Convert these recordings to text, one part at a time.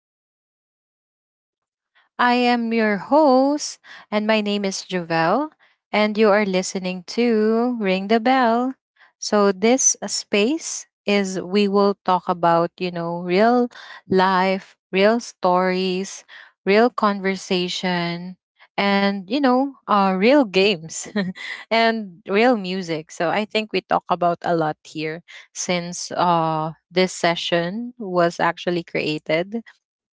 Welcome back to the show. I am your host, and my name is Jovel, and you are listening to Ring the Bell. So, this space is we will talk about, you know, real life, real stories, real conversation, and, you know, real games and real music. So, I think we talk about a lot here since this session was actually created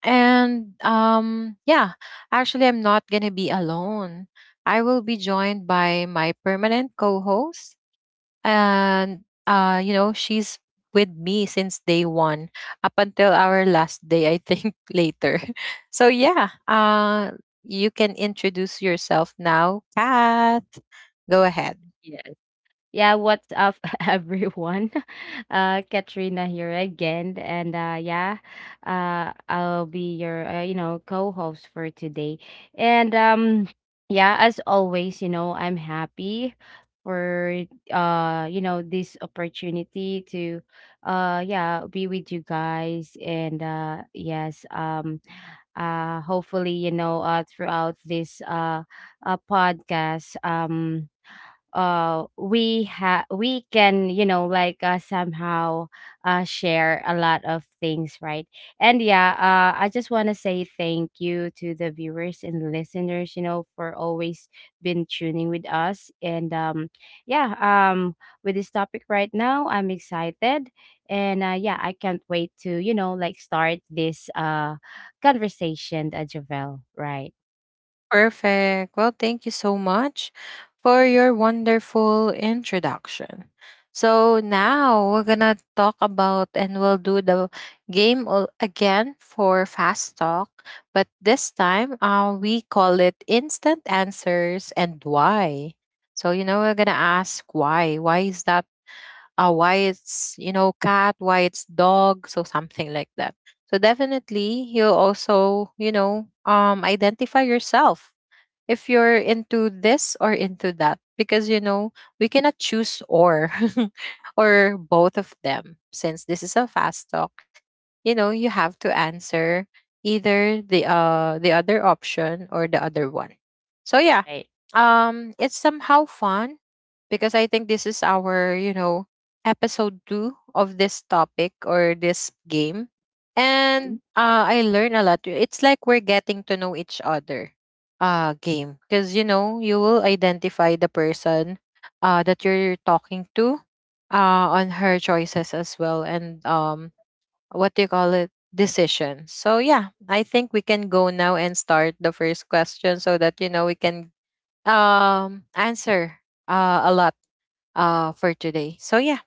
and yeah, actually, I'm not going to be alone. I will be joined by my permanent co host. And, you know, she's with me since day one up until our last day, I think, later. So, yeah, you can introduce yourself now. Kath, go ahead. Yes. Yeah, what's up, everyone? Katrina here again, and yeah, I'll be your co-host for today, and yeah, as always, I'm happy for this opportunity to yeah, be with you guys, and yes, hopefully, throughout this uh, podcast, we can like somehow share a lot of things, right? And yeah, I just want to say thank you to the viewers and listeners, for always been tuning with us. And yeah. With this topic right now, I'm excited. And yeah, I can't wait to like start this conversation, javel right? Perfect. Well, thank you so much for your wonderful introduction. So now we're gonna talk about and we'll do the again for fast talk, but this time we call it instant answers and why. So you know we're gonna ask why. Why is that? Why it's, you know, cat? Why it's dog? So something like that. So definitely you also, you know, identify yourself if you're into this or into that, because you know we cannot choose or or both of them, since this is a fast talk you know you have to answer either the other option or the other one. So yeah, Right. It's somehow fun, because I think this is our, you know, episode 2 of this topic or this game. And I learn a lot. It's like we're getting to know each other, game, because you know you will identify the person that you're talking to, on her choices as well. And what do you call it, decisions. So yeah, I think we can go now and start the first question, so that you know we can answer a lot for today. So yeah,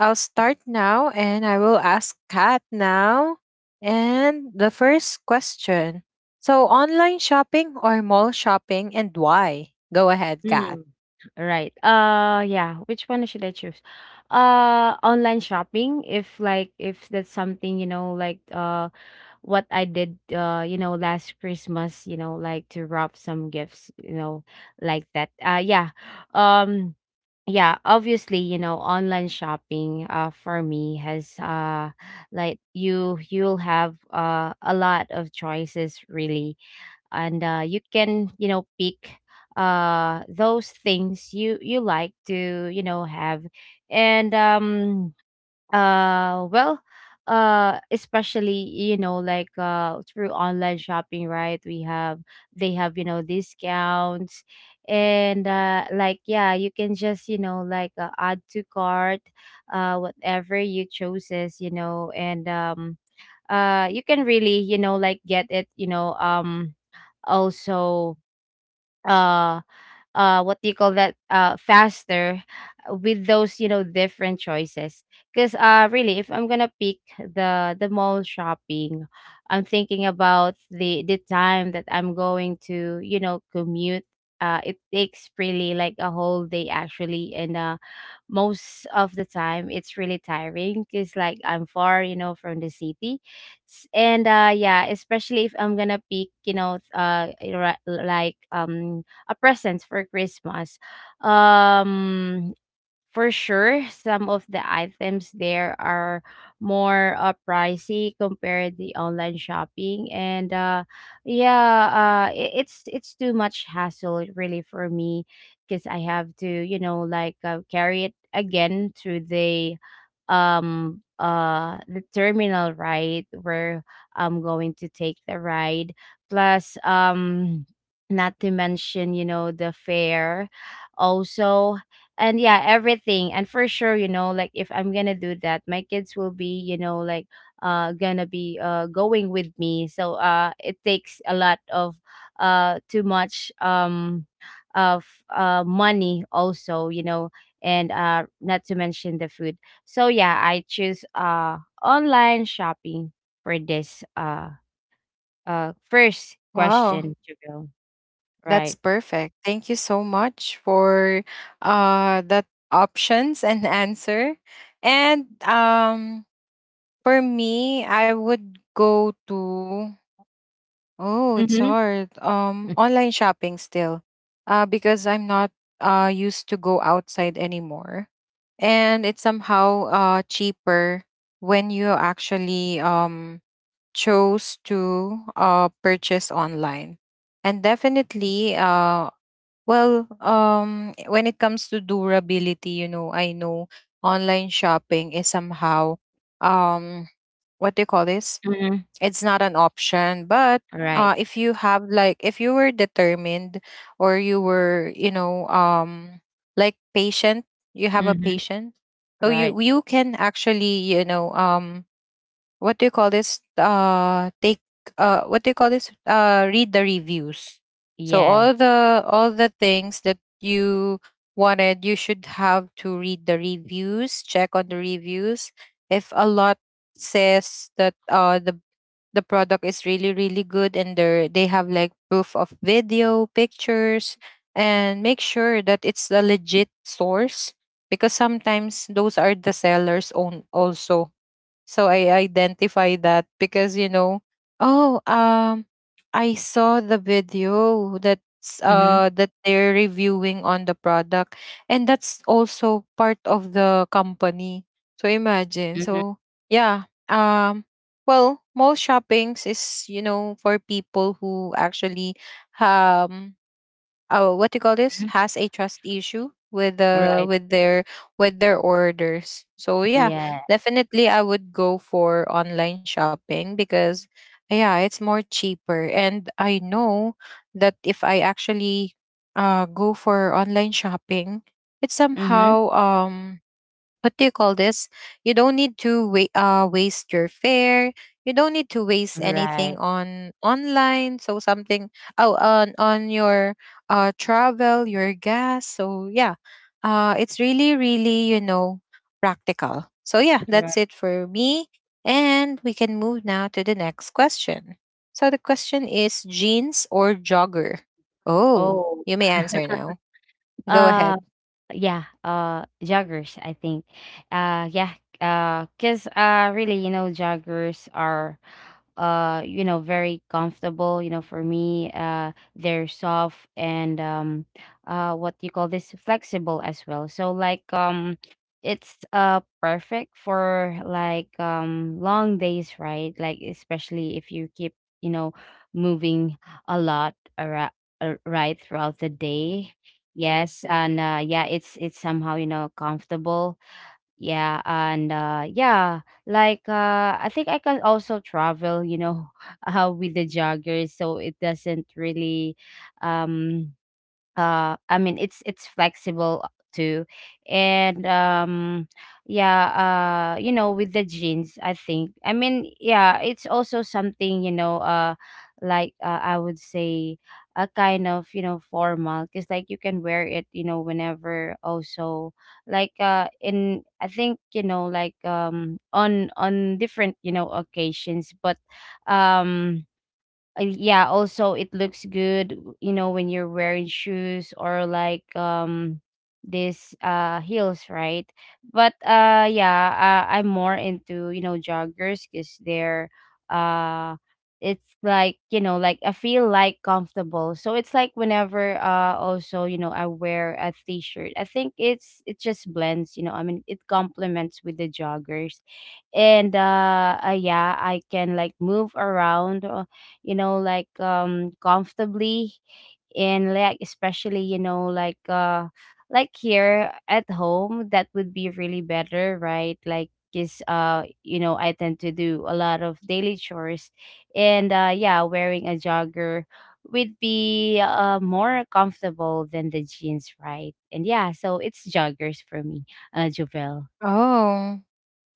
I'll start now and I will ask Kat now. And the first question. So, online shopping or mall shopping, and why? Go ahead, Kat. Mm. Right. Yeah, which one should I choose? Online shopping, if like if that's something, you know, like what I did, you know, last Christmas, you know, like to wrap some gifts, you know, like that. Yeah. Um yeah, obviously, online shopping for me has like you'll have a lot of choices, really. And you can pick those things you like to have. And um uh well uh especially, like, through online shopping, right, we have— they have, discounts. And like, yeah, you can just, like, add to cart whatever you chooses, and you can really, like, get it, also. uh what do you call that? Faster, with those, different choices. Because really, if I'm gonna pick the mall shopping, I'm thinking about the time that I'm going to, commute. It takes really like a whole day actually. And most of the time it's really tiring because like I'm far, you know, from the city. And yeah, especially if I'm gonna pick, you know, like, a present for Christmas. um for sure, some of the items there are more, pricey compared to online shopping. And yeah, it's too much hassle really for me, because I have to, you know, like, carry it again to the terminal, right, where I'm going to take the ride. Plus not to mention, you know, the fare also. And yeah, everything. And for sure, you know, like if I'm gonna do that, my kids will be, you know, like, gonna be going with me, so it takes a lot of too much, of money also, you know. And not to mention the food. So yeah, I choose online shopping for this first Wow, question to go. that's Right. perfect. Thank you so much for that options and answer. And for me, I would go to, oh, it's Mm-hmm. hard. Online shopping still, because I'm not used to go outside anymore, and it's somehow cheaper when you actually chose to purchase online. And definitely uh, well, when it comes to durability, you know, I know online shopping is somehow um what do you call this, Mm-hmm. it's not an option, but Right. If you have, like, if you were determined or you were, you know, like patient, you have a Mm-hmm. patient. So Right. you can actually, you know, what do you call this, take what do you call this, read the reviews. So Yes. All the things that you wanted, you should have to read the reviews, check on the reviews. If a lot says that the product is really really good, and they have like proof of video, pictures, and make sure that it's a legit source, because sometimes those are the sellers own also. So I identify that because, you know, oh, I saw the video that's Mm-hmm. That they're reviewing on the product, and that's also part of the company. So imagine. Mhm. So yeah, well, mall shoppings is, you know, for people who actually um oh, what do you call this, has a trust issue with the Right. With their orders. So yeah, Yeah. definitely I would go for online shopping, because yeah, it's more cheaper, and I know that if I actually go for online shopping, it Mhm. somehow what do you call this? You don't need to wait, waste your fare. You don't need to waste anything Right. on online. So something, oh, on your travel, your gas. So yeah, it's really really, you know, practical. So yeah, Right. that's it for me, and we can move now to the next question. So the question is, jeans or jogger? Oh, Oh. you may answer now. Go Uh ahead. yeah, joggers, I think. Yeah. Because— really, you know, joggers are you know, very comfortable, you know, for me. They're soft, and what do you call this, flexible as well. So like, it's perfect for like, long days, right, like, especially if you keep, you know, moving a lot around, right, throughout the day. Yes. And yeah, it's somehow, you know, comfortable. Yeah, and yeah, like, I think I can also travel, you know, with the joggers, so it doesn't really— um, I mean, it's flexible too. And yeah, you know, with the jeans, I think, I mean, yeah, it's also something, you know, like, I would say, a kind of, you know, formal, because like you can wear it, you know, whenever also, like, in I think, you know, like, on different, you know, occasions. But um yeah, also it looks good, you know, when you're wearing shoes, or like, this heels, right? But yeah, I'm more into, you know, joggers, cuz they're— uh it's like, you know, like I feel like comfortable. So it's like whenever, also, you know, I wear a t-shirt, I think it's— it just blends, you know. I mean, it complements with the joggers. And yeah, I can like move around, you know, like, comfortably. And like, especially, you know, like here at home, that would be really better, right? Like, because you know, I tend to do a lot of daily chores. And yeah, wearing a jogger would be more comfortable than the jeans, right? And yeah, so it's joggers for me, Jovel. Oh.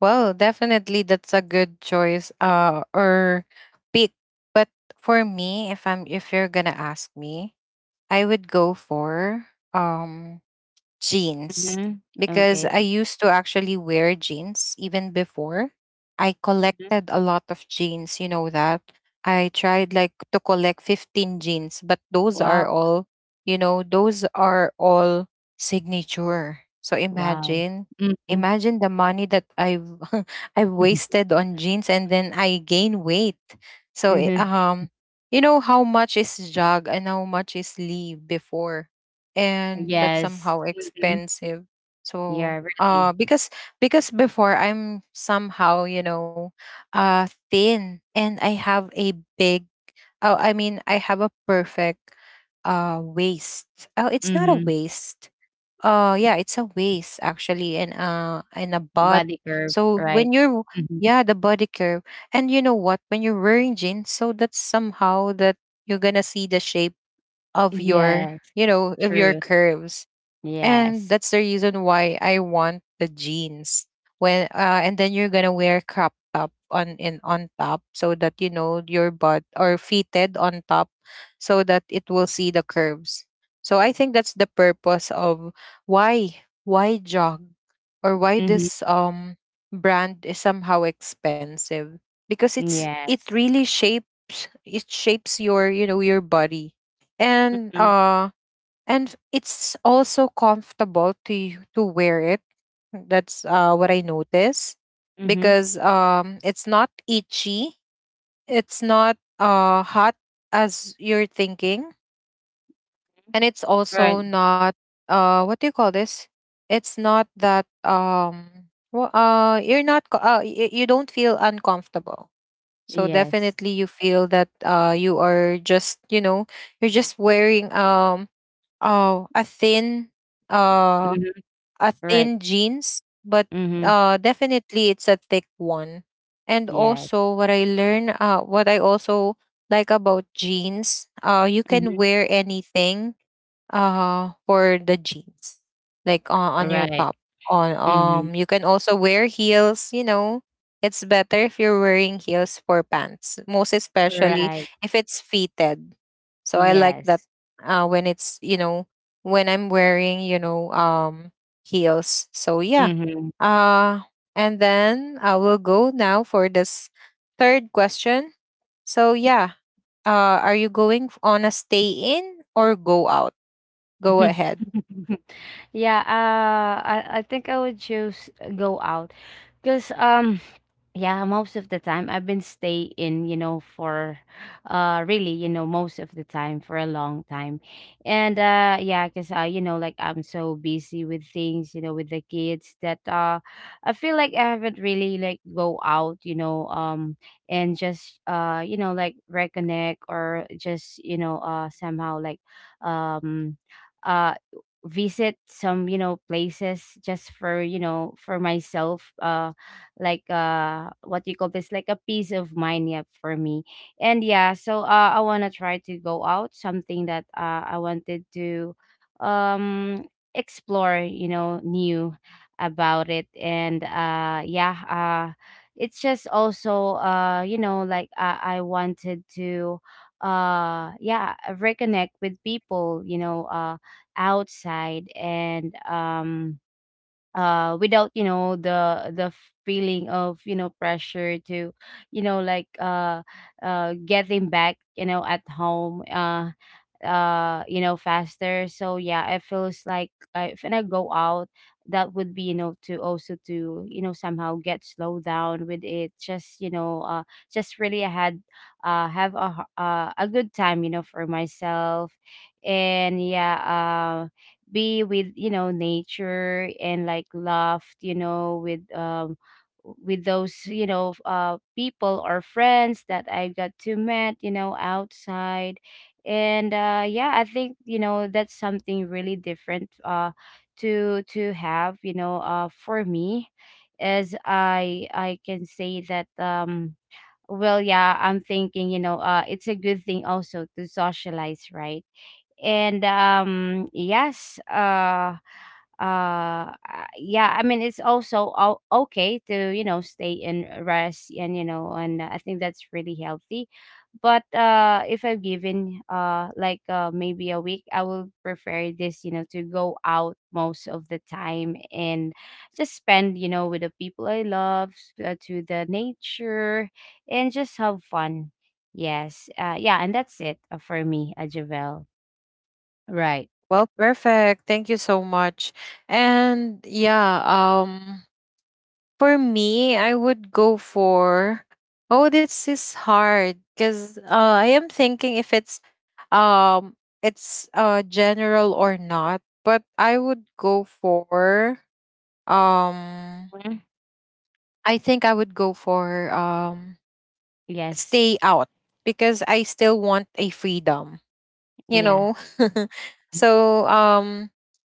Well, definitely that's a good choice or pick. But for me, if I'm if you're gonna ask me, I would go for um jeans, Mm-hmm. because Okay. I used to actually wear jeans even before. I Mhm. collected a lot of jeans, you know that. I tried like to collect 15 jeans, but those are Wow. all, you know, those are all signature. So Wow. imagine, Mm-hmm. imagine the money that I've I've wasted on jeans, and then I gain weight. So you know how much is jog and how much is leave before, and that's Yes. somehow Mhm. expensive. So, Yeah, really. Because before I'm somehow, you know, thin, and I have a big, oh, I mean I have a perfect, waist. Oh, it's not a Mhm. waist. Yeah, it's a waist actually, and a butt. Body curve, So right? when you're, Mhm. yeah, the body curve. And you know what? When you're wearing jeans, so that's somehow that you're gonna see the shape of your, Yes, you know, of your true. curves, and Yes. that's the reason why I want the jeans. When and then you're gonna wear crop top on in on top, so that you know your butt or fitted on top, so that it will see the curves. So I think that's the purpose of why jog or why Mhm. this brand is somehow expensive, because it's it Yes. really shapes, it shapes your, you know, your body. And Mhm. uh, and it's also comfortable to to wear it. That's what I notice, Mhm. because it's not itchy, it's not hot as you're thinking, and it's also Right. not what do you call this, it's not that well, uh, you're not co- y- you don't feel uncomfortable. So Yes. definitely you feel that you are just, you know, you're just wearing oh, uh, Mhm. a Right. thin jeans, but Mhm. Definitely it's a thick one. And Yes. also, what I learn, what I also like about jeans, you Mhm. can wear anything for the jeans, like on your Right. top, on, Mhm. You can also wear heels, you know. It's better if you're wearing heels for pants, most especially Right. if it's fitted. So I like that Yes. When it's, you know, when I'm wearing, you know, heels. So yeah, Mhm. uh and then I will go now for this third question. So yeah, are you going on a stay in or go out? Go ahead. Yeah, I think I would choose, go out. Because yeah, most of the time I've been stay in, you know, for really, you know, most of the time for a long time. And yeah, because you know, like, I'm so busy with things, you know, with the kids, that I feel like I haven't really like go out, you know. And just, you know, like, reconnect, or just, you know, somehow like, um uh visit some, you know, places, just for, you know, for myself, like, what do you call this, like a peace of mind, yeah, for me. And yeah, so I want to try to go out, something that, I wanted to, um explore, you know, new about it. And yeah, uh it's just also, you know, like, I wanted to yeah, reconnect with people, you know, outside. And without, you know, the feeling of, you know, pressure to, you know, like, getting back, you know, at home, you know, faster. So yeah, it feels like, if I go out, that would be, you know, to also, to, you know, somehow get slowed down with it, just, you know, just really I had have a good time, you know, for myself. And yeah, be with, you know, nature, and like, laugh, you know, with those, you know, people or friends that I got to met, you know, outside. And yeah, I think, you know, that's something really different, to have, you know, for me, as I can say that. Well, yeah, I'm thinking, you know, it's a good thing also to socialize, right? And yes, uh uh, yeah, I mean, it's also okay to, you know, stay and rest, and you know, and I think that's really healthy. But if I'm given, like, maybe a week, I will prefer this, you know, to go out most of the time, and just spend, you know, with the people I love, to the nature, and just have fun. Yes. Yeah, and that's it, for me, javel right? Well, perfect. Thank you so much. And yeah, for me, I would go for, oh, this is hard cuz I am thinking if it's um it's general or not, but I would go for um Mhm. I think I would go for Yes. stay out, because I still want a freedom, you Yeah. know. So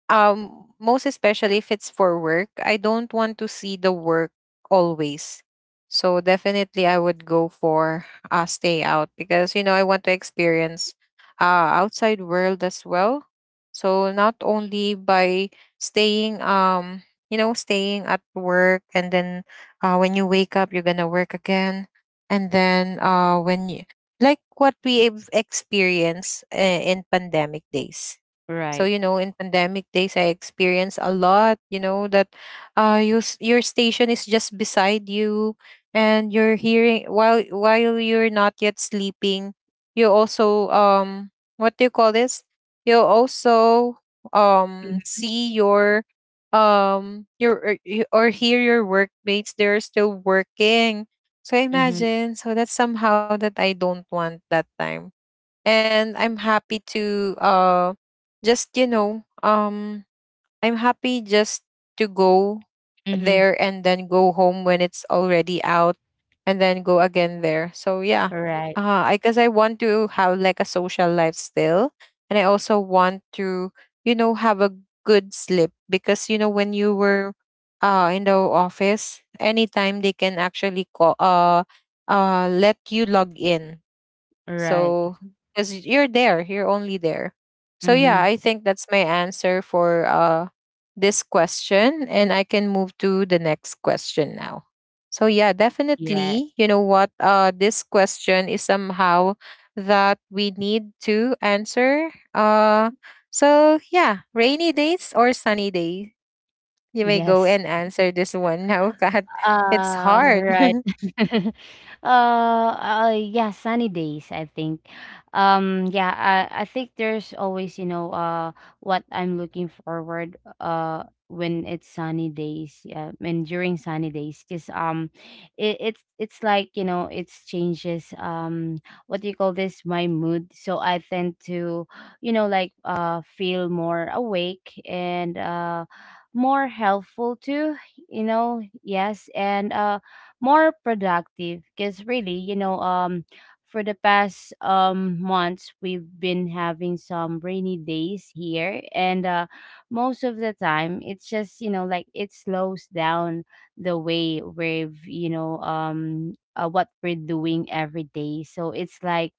um, most especially if it's for work, I don't want to see the work always. So definitely I would go for a stay out, because you know I want to experience outside world as well. So not only by staying, you know, staying at work, and then when you wake up you're gonna work again, and then when you like what we've experienced in pandemic days. So Right. you know, in pandemic days, I experienced a lot. You know that you your station is just beside you, and you're hearing while you're not yet sleeping. You also what do you call this? You also Mhm. see your or hear your workmates. They're still working. So Mm-hmm. imagine. So that's somehow that I don't want that time, and I'm happy to just, you know, I'm happy just to go Mm-hmm. there, and then go home when it's already out, and then go again there. So yeah. Right. Uh, I guess I want to have like a social life still, and I also want to, you know, have a good sleep, because you know when you were in the office, anytime they can actually call let you log in. Right. So, because you're there, you're only there. So yeah, Mm-hmm. I think that's my answer for this question, and I can move to the next question now. So yeah, Yes. definitely, you know what? This question is somehow that we need to answer. Uh, so yeah, rainy days or sunny day. You may go Yes. and answer this one now, God. It's Ah, hard. right. Yeah, sunny days, I think. Yeah, I think there's always, you know, what I'm looking forward, when it's sunny days. Yeah, and during sunny days, because it's like, you know, it's changes, what do you call this, my mood. So I tend to, feel more awake and more helpful too, you know. Yes. And more productive because really, you know, for the past months we've been having some rainy days here, and most of the time it's just, you know, like it slows down the way we've, you know, what we're doing every day. So it's like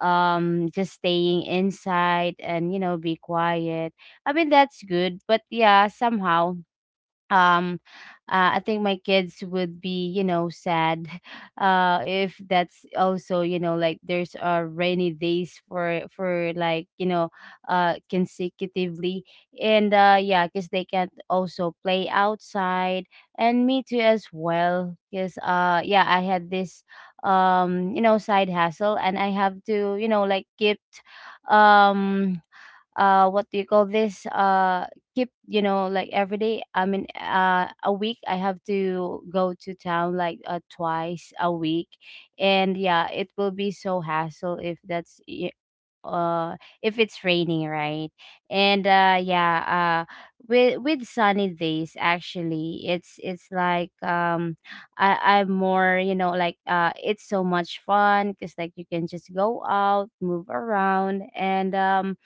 just staying inside and, you know, be quiet. I mean, that's good, but yeah, somehow um I think my kids would be, you know, sad if that's also, you know, like there's rainy days for like, you know, consecutively. And yeah, because they can also play outside. And me too as well, because yeah, I had this you know, side hustle, and I have to, you know, like keep um what do you call this, keep, you know, like every day, I mean a week, I have to go to town like, twice a week. And yeah, it will be so hassle if that's uh if it's raining, right? And yeah. uh with sunny days, actually, it's like I'm more, you know, like it's so much fun, because like you can just go out, move around, and um,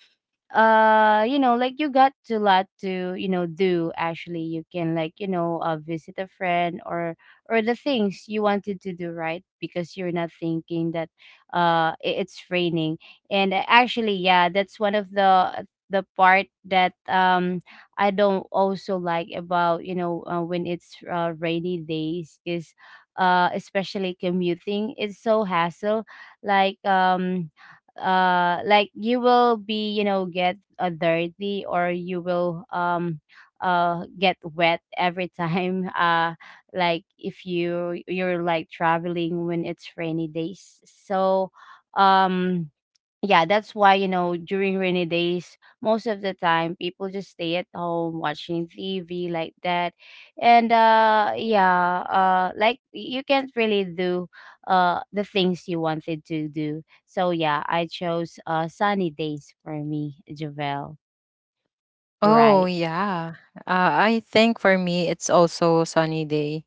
uh you know, like you got a lot to, you know, do. Actually you can, like, you know, visit a friend or the things you wanted to do, right, because you're not thinking that it's raining. And actually, yeah, that's one of the part that I don't also like about, you know, when it's, rainy days, is especially commuting, it's so hassle. Like like you will, be you know, get, dirty, or you will get wet every time like if you're like traveling when it's rainy days. So um yeah, that's why, you know, during rainy days, most of the time people just stay at home watching TV like that. And yeah, like you can't really do the things you wanted to do. So yeah, I chose sunny days for me, Javel. Oh, Right. yeah. I think for me, it's also sunny day,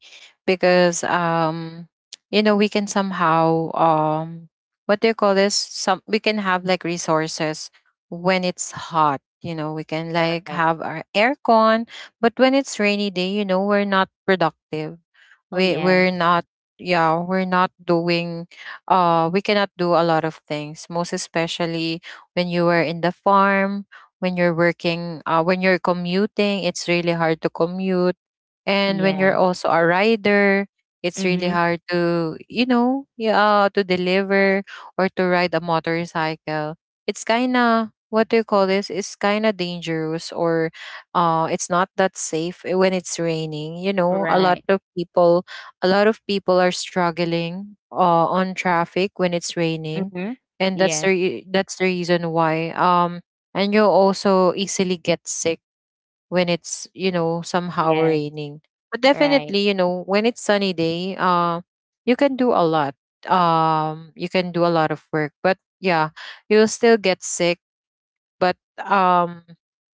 because, you know, we can somehow, what do you call this? Some, we can have like resources when it's hot. You know, we can like Right. have our aircon, but when it's rainy day, you know, we're not productive. Oh We we're yes. not. Yeah, we're not doing. We cannot do a lot of things, most especially when you were in the farm, when you're working, when you're commuting, it's really hard to commute. And when you're Yes. also a rider, it's really Mhm. hard to, you know, yeah, to deliver or to ride a motorcycle. It's kind of, what do you call this? It's kind of dangerous, or it's not that safe, eh, when it's raining. You know, Right. A lot of people are struggling on traffic when it's raining. Mhm. And that's Yes. That's the reason why. And you also easily get sick when it's, you know, somehow Yes. raining. But Right. definitely, you know, when it's sunny day, you can do a lot. You can do a lot of work, but yeah, you'll still get sick. But um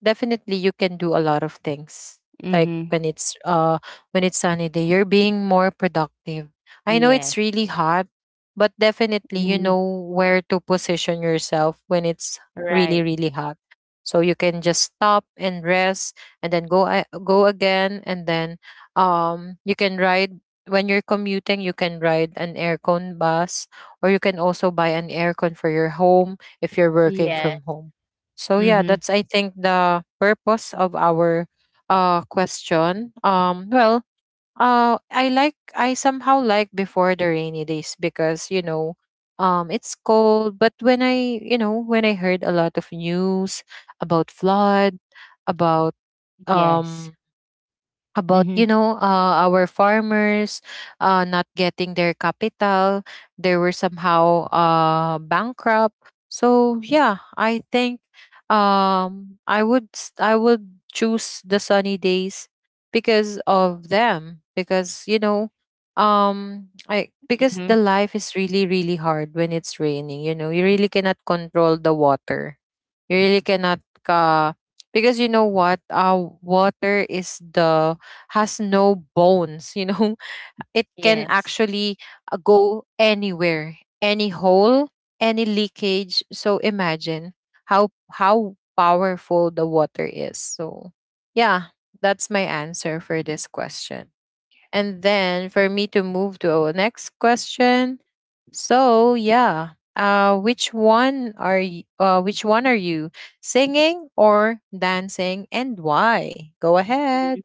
definitely you can do a lot of things, like Mhm. When it's sunny day, you're being more productive. I know Yes. it's really hot, but definitely Mhm. you know where to position yourself when it's Right. really, really hot, so you can just stop and rest and then go again. And then you can ride. When you're commuting, you can ride an aircon bus, or you can also buy an aircon for your home if you're working Yes. from home. So yeah, Mm-hmm. that's I think the purpose of our question. Well, I like, I somehow like before the rainy days because, you know, it's cold. But when I, you know, when I heard a lot of news about flood, about um Yes. about, Mhm. you know, our farmers not getting their capital, they were somehow bankrupt. So yeah, I think I would I would choose the sunny days because of them. Because you know, I because Mhm. the life is really, really hard when it's raining. You know, you really cannot control the water. You really cannot, uh, because you know what, water is the, has no bones, you know? It can Yes. actually, go anywhere, any hole, any leakage. So imagine how powerful the water is. So yeah, that's my answer for this question. And then for me to move to our next question. So yeah, which one are you, which one are you, singing or dancing, and why? Go ahead. Mhm.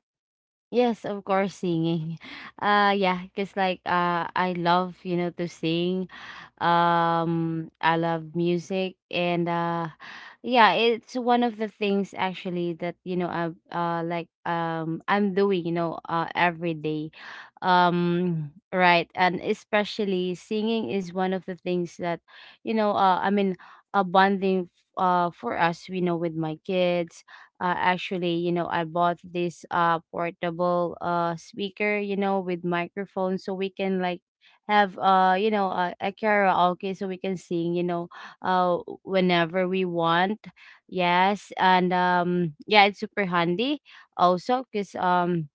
Yes, of course, singing. Yeah, because like I love, you know, to sing. I love music, and yeah, it's one of the things, actually, that, you know, I like I'm doing, you know, every day. Right. And especially singing is one of the things that, you know, I mean, a bonding for us, you know, with my kids. Actually, you know, I bought this portable speaker, you know, with microphone, so we can, like, have you know, a karaoke, so we can sing, you know, uh whenever we want. Yes. And yeah, it's super handy also because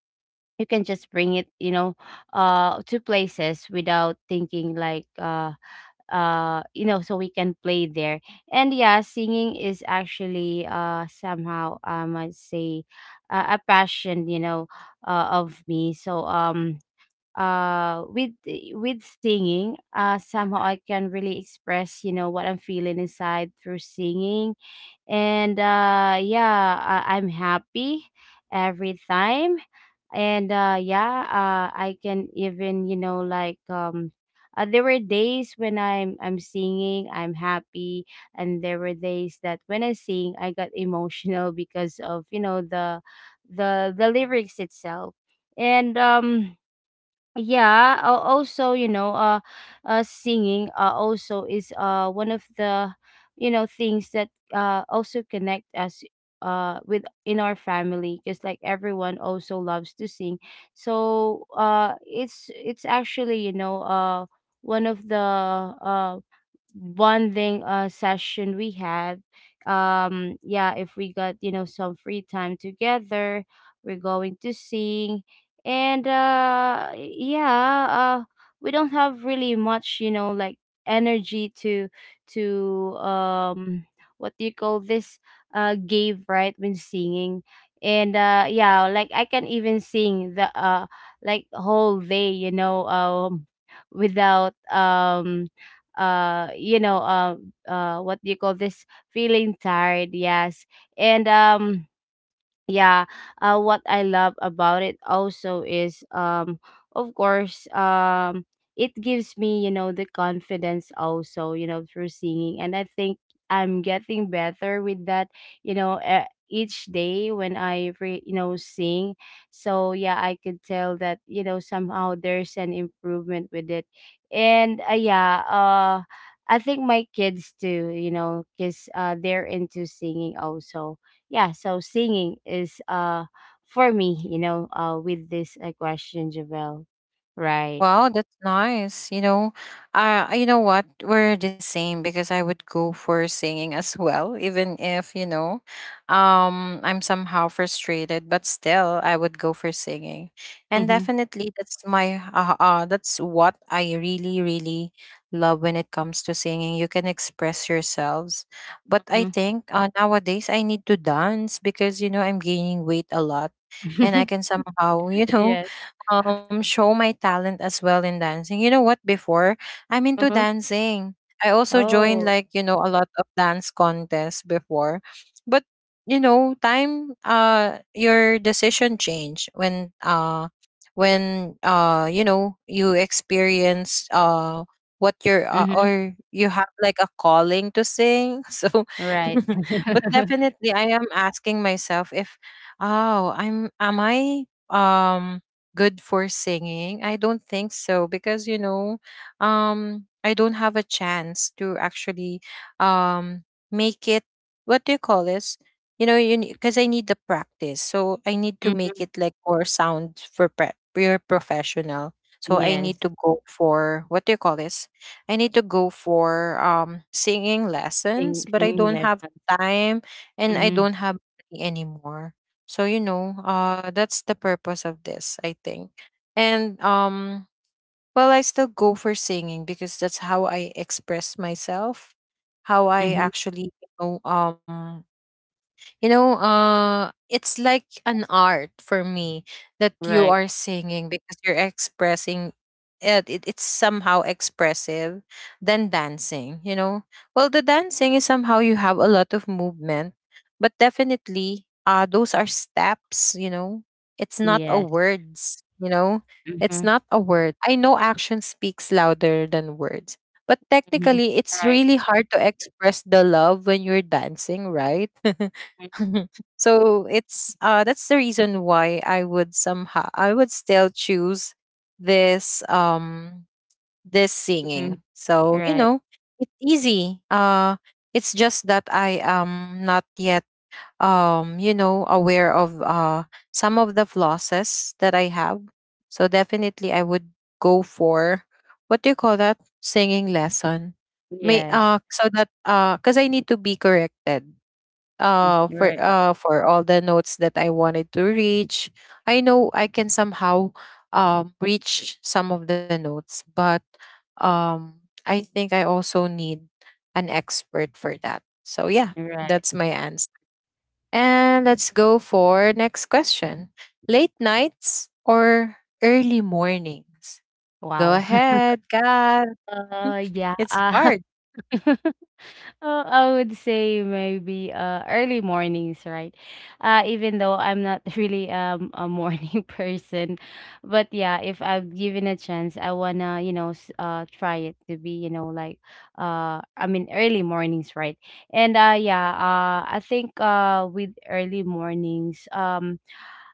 you can just bring it, you know, to places without thinking like you know, so we can play there. And yeah, singing is actually somehow, I might say, a passion, you know, of me. So with singing, somehow I can really express, you know, what I'm feeling inside through singing. And yeah, I'm happy every time. And yeah, I can even, you know, like, there were days when I'm singing I'm happy, and there were days that when I sing I got emotional because of, you know, the the lyrics itself. And yeah, also, you know, singing also is one of the, you know, things that also connect us with in our family, because, like, everyone also loves to sing. So it's actually, you know, one of the, bonding session we had. Yeah, if we got, you know, some free time together, we're going to sing. And yeah, we don't have really much, you know, like, energy to to um what do you call this, give, right, when singing. And yeah, like I can even sing the, like, whole day, you know, without you know, what do you call this, feeling tired. Yes. And yeah, what I love about it also is, of course, it gives me, you know, the confidence also, you know, through singing, and I think I'm getting better with that, you know, each day when I you know, sing. So yeah, I could tell that, you know, somehow there's an improvement with it. And yeah, I think my kids too, you know, because, they're into singing also. Yeah. So singing is for me, you know, with this, question, Javel. Right. Wow, that's nice. You know what? We're the same, because I would go for singing as well. Even if, you know, I'm somehow frustrated, but still I would go for singing. And Hmm. definitely that's my, that's what I really, really love when it comes to singing. You can express yourselves. But I Hmm. think nowadays I need to dance, because, you know, I'm gaining weight a lot, and I can somehow, you know, Yes. Show my talent as well in dancing. You know what? Before, I'm into Uh-huh. dancing. I also joined, Oh. like, you know, a lot of dance contests before, but you know, time, your decision change when you know, you experience what you're Hmm. or you have like a calling to sing. So Right. but definitely I am asking myself if, oh, I'm, am I um good for singing? I don't think so, because you know, I don't have a chance to actually um make it. What do you call this? You know, you, because I need the practice, so I need to make Hmm. it like more sound for pure professional. So I need Yes. to go for, what do you call this? I need to go for singing lessons, Sing, but I singing don't have lessons. time and I Hmm. don't have money anymore. So you know, that's the purpose of this, I think. And well, I still go for singing, because that's how I express myself, how I Hmm. actually, you know, you know, it's like an art for me, that you Right. are singing because you're expressing It's somehow expressive than dancing, you know. Well, the dancing is somehow you have a lot of movement, but definitely those are steps, you know. It's not a Yes. words, you know, it's Mm-hmm. not a word. I know action speaks louder than words, but Hmm. technically it's Right. really hard to express the love when you're dancing, right? So it's that's the reason why I would somehow, I would still choose this this Hmm. singing. So, you Right. know, it's easy. It's just that I am not yet you know, aware of some of the flosses that I have. So definitely I would go for, what do you call that? Singing lesson. May Yes. so that because I need to be corrected Mm. Right. For all the notes that I wanted to reach. I know I can somehow reach some of the notes, but I think I also need an expert for that. So yeah, Right. that's my answer. And let's go for next question. Late nights or early mornings? Go Wow. ahead, God. uh yeah It's uh hard. Oh, I would say maybe early mornings, right? Even though I'm not really a morning person, but yeah, if I'm given a chance, I wanna, you know, try it to be, you know, like, I mean, early mornings, right? And yeah, I think with early mornings,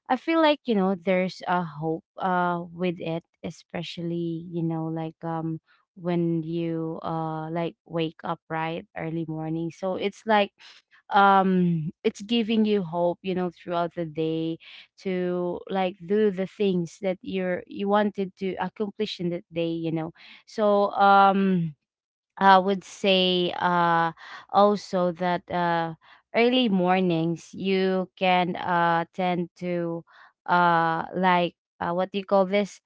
I feel like, you know, there's a hope with it, especially, you know, like when you like wake up, right, early morning. So it's like it's giving you hope, you know, throughout the day to, like, do the things that you wanted to accomplish in that day, you know. So I would say also that early mornings you can tend to uh like what do you call this,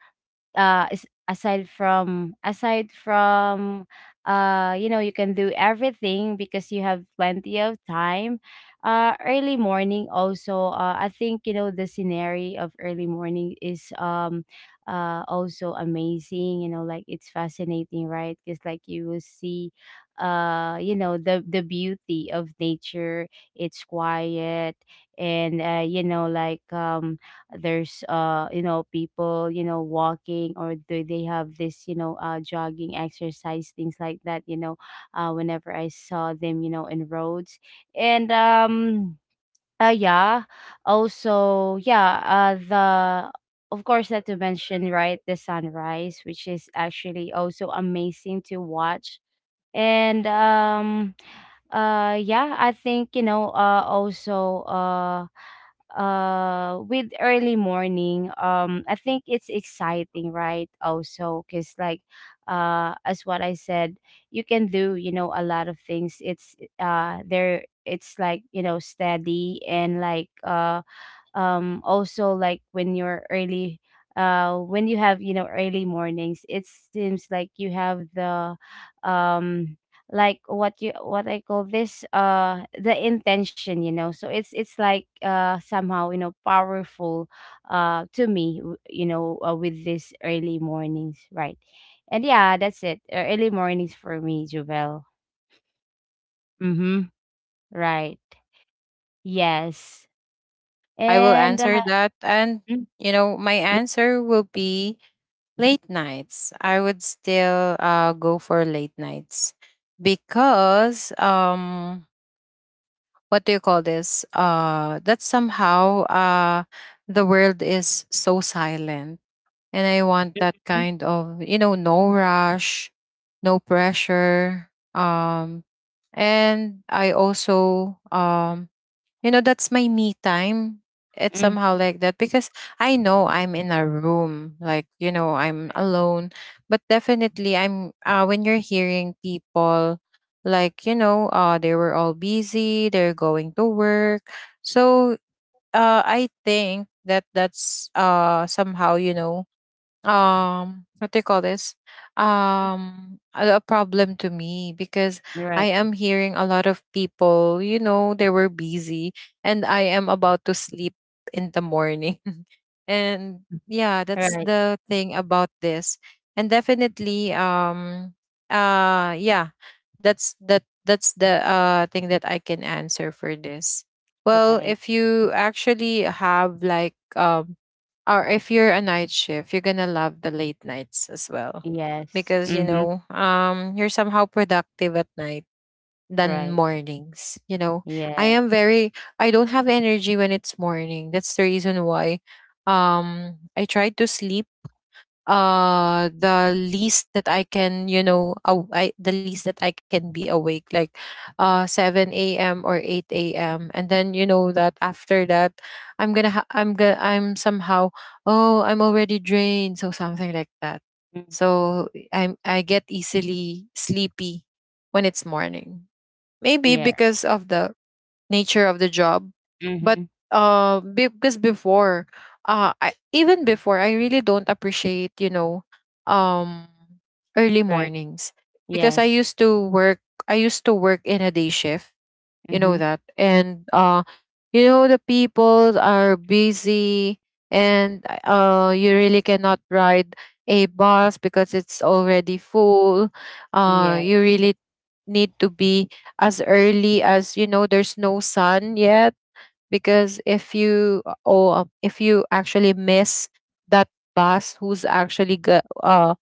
is, aside from you know, you can do everything because you have plenty of time. Early morning also, I think, you know, the scenery of early morning is also amazing, you know, like it's fascinating, right, because, like, you will see you know, the beauty of nature. It's quiet. And you know, like there's you know, people, you know, walking, or do they have this, you know, jogging, exercise, things like that, you know, whenever I saw them, you know, in roads. And yeah, also, yeah, the, of course, not to mention, right, the sunrise, which is actually also amazing to watch. And yeah, I think, you know, also with early morning, I think it's exciting, right, also because, like, as what I said, you can do, you know, a lot of things. It's there, it's like, you know, steady and like also, like, when you're early, when you have, you know, early mornings, it seems like you have the um like what you what I call this, the intention, you know. So it's like somehow, you know, powerful to me, you know, with this early mornings, right. And yeah, that's it, early mornings for me, Jovel. Mm-hmm. Right. Yes. I will And answer that, and mm, you know, my answer will be late nights. I would still go for late nights because what do you call this? That somehow the world is so silent, and I want that mhm, kind of, you know, no rush, no pressure. And I also you know, that's my me time, it's mhm. somehow like that. Because I know I'm in a room, like, you know, I'm alone, but definitely I'm, when you're hearing people, like, you know, they were all busy, they're going to work. So I think that that's somehow, you know, what do you call this, a, problem to me. Because I Right, am hearing a lot of people, you know, they were busy, and I am about to sleep in the morning. And yeah, that's right, the thing about this. And definitely yeah, that's the thing that I can answer for this. Well, right. if you actually have like, or if you're a night shift, you're gonna love the late nights as well. Yes. Because, you Mhm. know, you're somehow productive at night than Right. mornings. You know, I Yeah. am very, I don't have energy when it's morning. That's the reason why I try to sleep the least that I can, you know, the least that I can be awake, like 7 a.m. or 8 a.m. And then, you know, that after that, I'm gonna I'm gonna, I'm somehow, oh, I'm already drained, so something like that. Mhm. So I get easily sleepy when it's morning, maybe Yeah. because of the nature of the job. But Mhm. Because before, even before, I really don't appreciate, you know, um, early Right. mornings. Because I Yes. used to work. I used to work in a day shift. You know Mhm. that. And you know, the people are busy, and you really cannot ride a bus because it's already full. You Yes. really need to be as early as, you know, there's no sun yet. Because if you, or if you actually miss that bus who's actually go,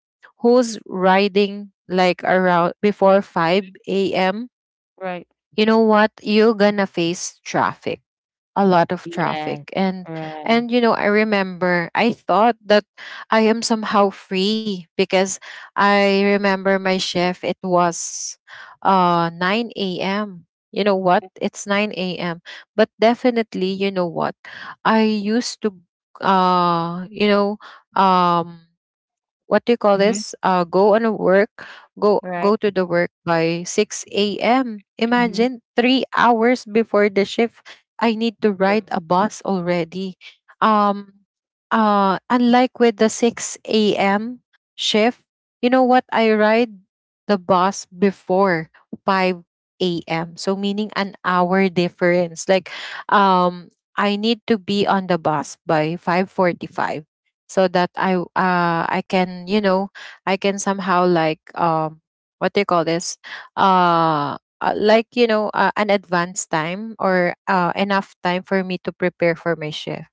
who's riding like around before 5 a.m., Right. you know what, you're gonna face traffic, a lot of traffic. Yes. and Right. and you know, I remember I thought that I am somehow free. Because I remember my shift, it was 9 a.m. You know what, it's 9 a.m., but definitely you know what, I used to you know, um what do you call Mhm. this? Go on a work, Right. go to the work by 6 a.m. Mhm. Imagine, 3 hours before the shift, I need to Right. ride a bus already. Um, unlike with the 6 a.m. shift, you know what? I ride the bus before 5 a.m. So meaning an hour difference. Like, um, I need to be on the bus by 5:45, so that I I can, you know, I can somehow, like, what do you call this, uh like, you know, an advanced time, or enough time for me to prepare for my shift.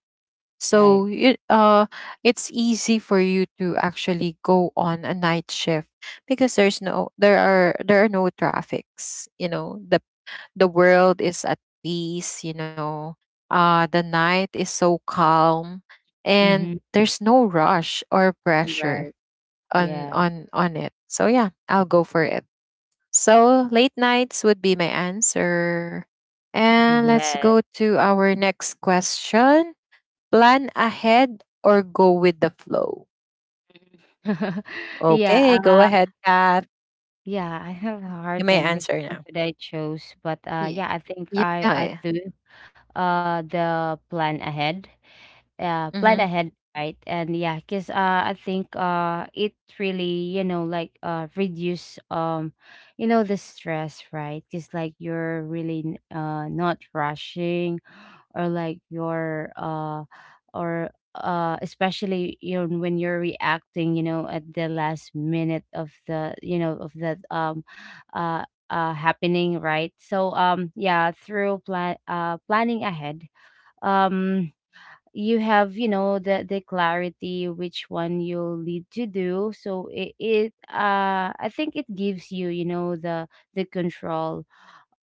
Right. So you, it's easy for you to actually go on a night shift, because there's no, there are, there are no traffics. You know, the world is at peace, you know. The night is so calm, and Mhm. there's no rush or pressure Right. on Yeah. It. So yeah, I'll go for it. So late nights would be my answer. And let's Yes. go to our next question. Plan ahead or go with the flow? Okay, go Yeah. Ahead, Kat. Yeah. I have a You hard may time which answer one now. would I choose, but Yeah. yeah, I think Yeah. I Yeah. do the plan ahead. Yeah, plan Mm-hmm. ahead. Right. And yeah, because I think it really, you know, like reduce you know, the stress, right, because, like, you're really not rushing, or like you're or especially, you know, when you're reacting, you know, at the last minute of the, you know, of that uh happening, right. So yeah, through planning ahead, um you have, you know, the clarity which one you'll need to do. So it I think it gives you, you know, the control.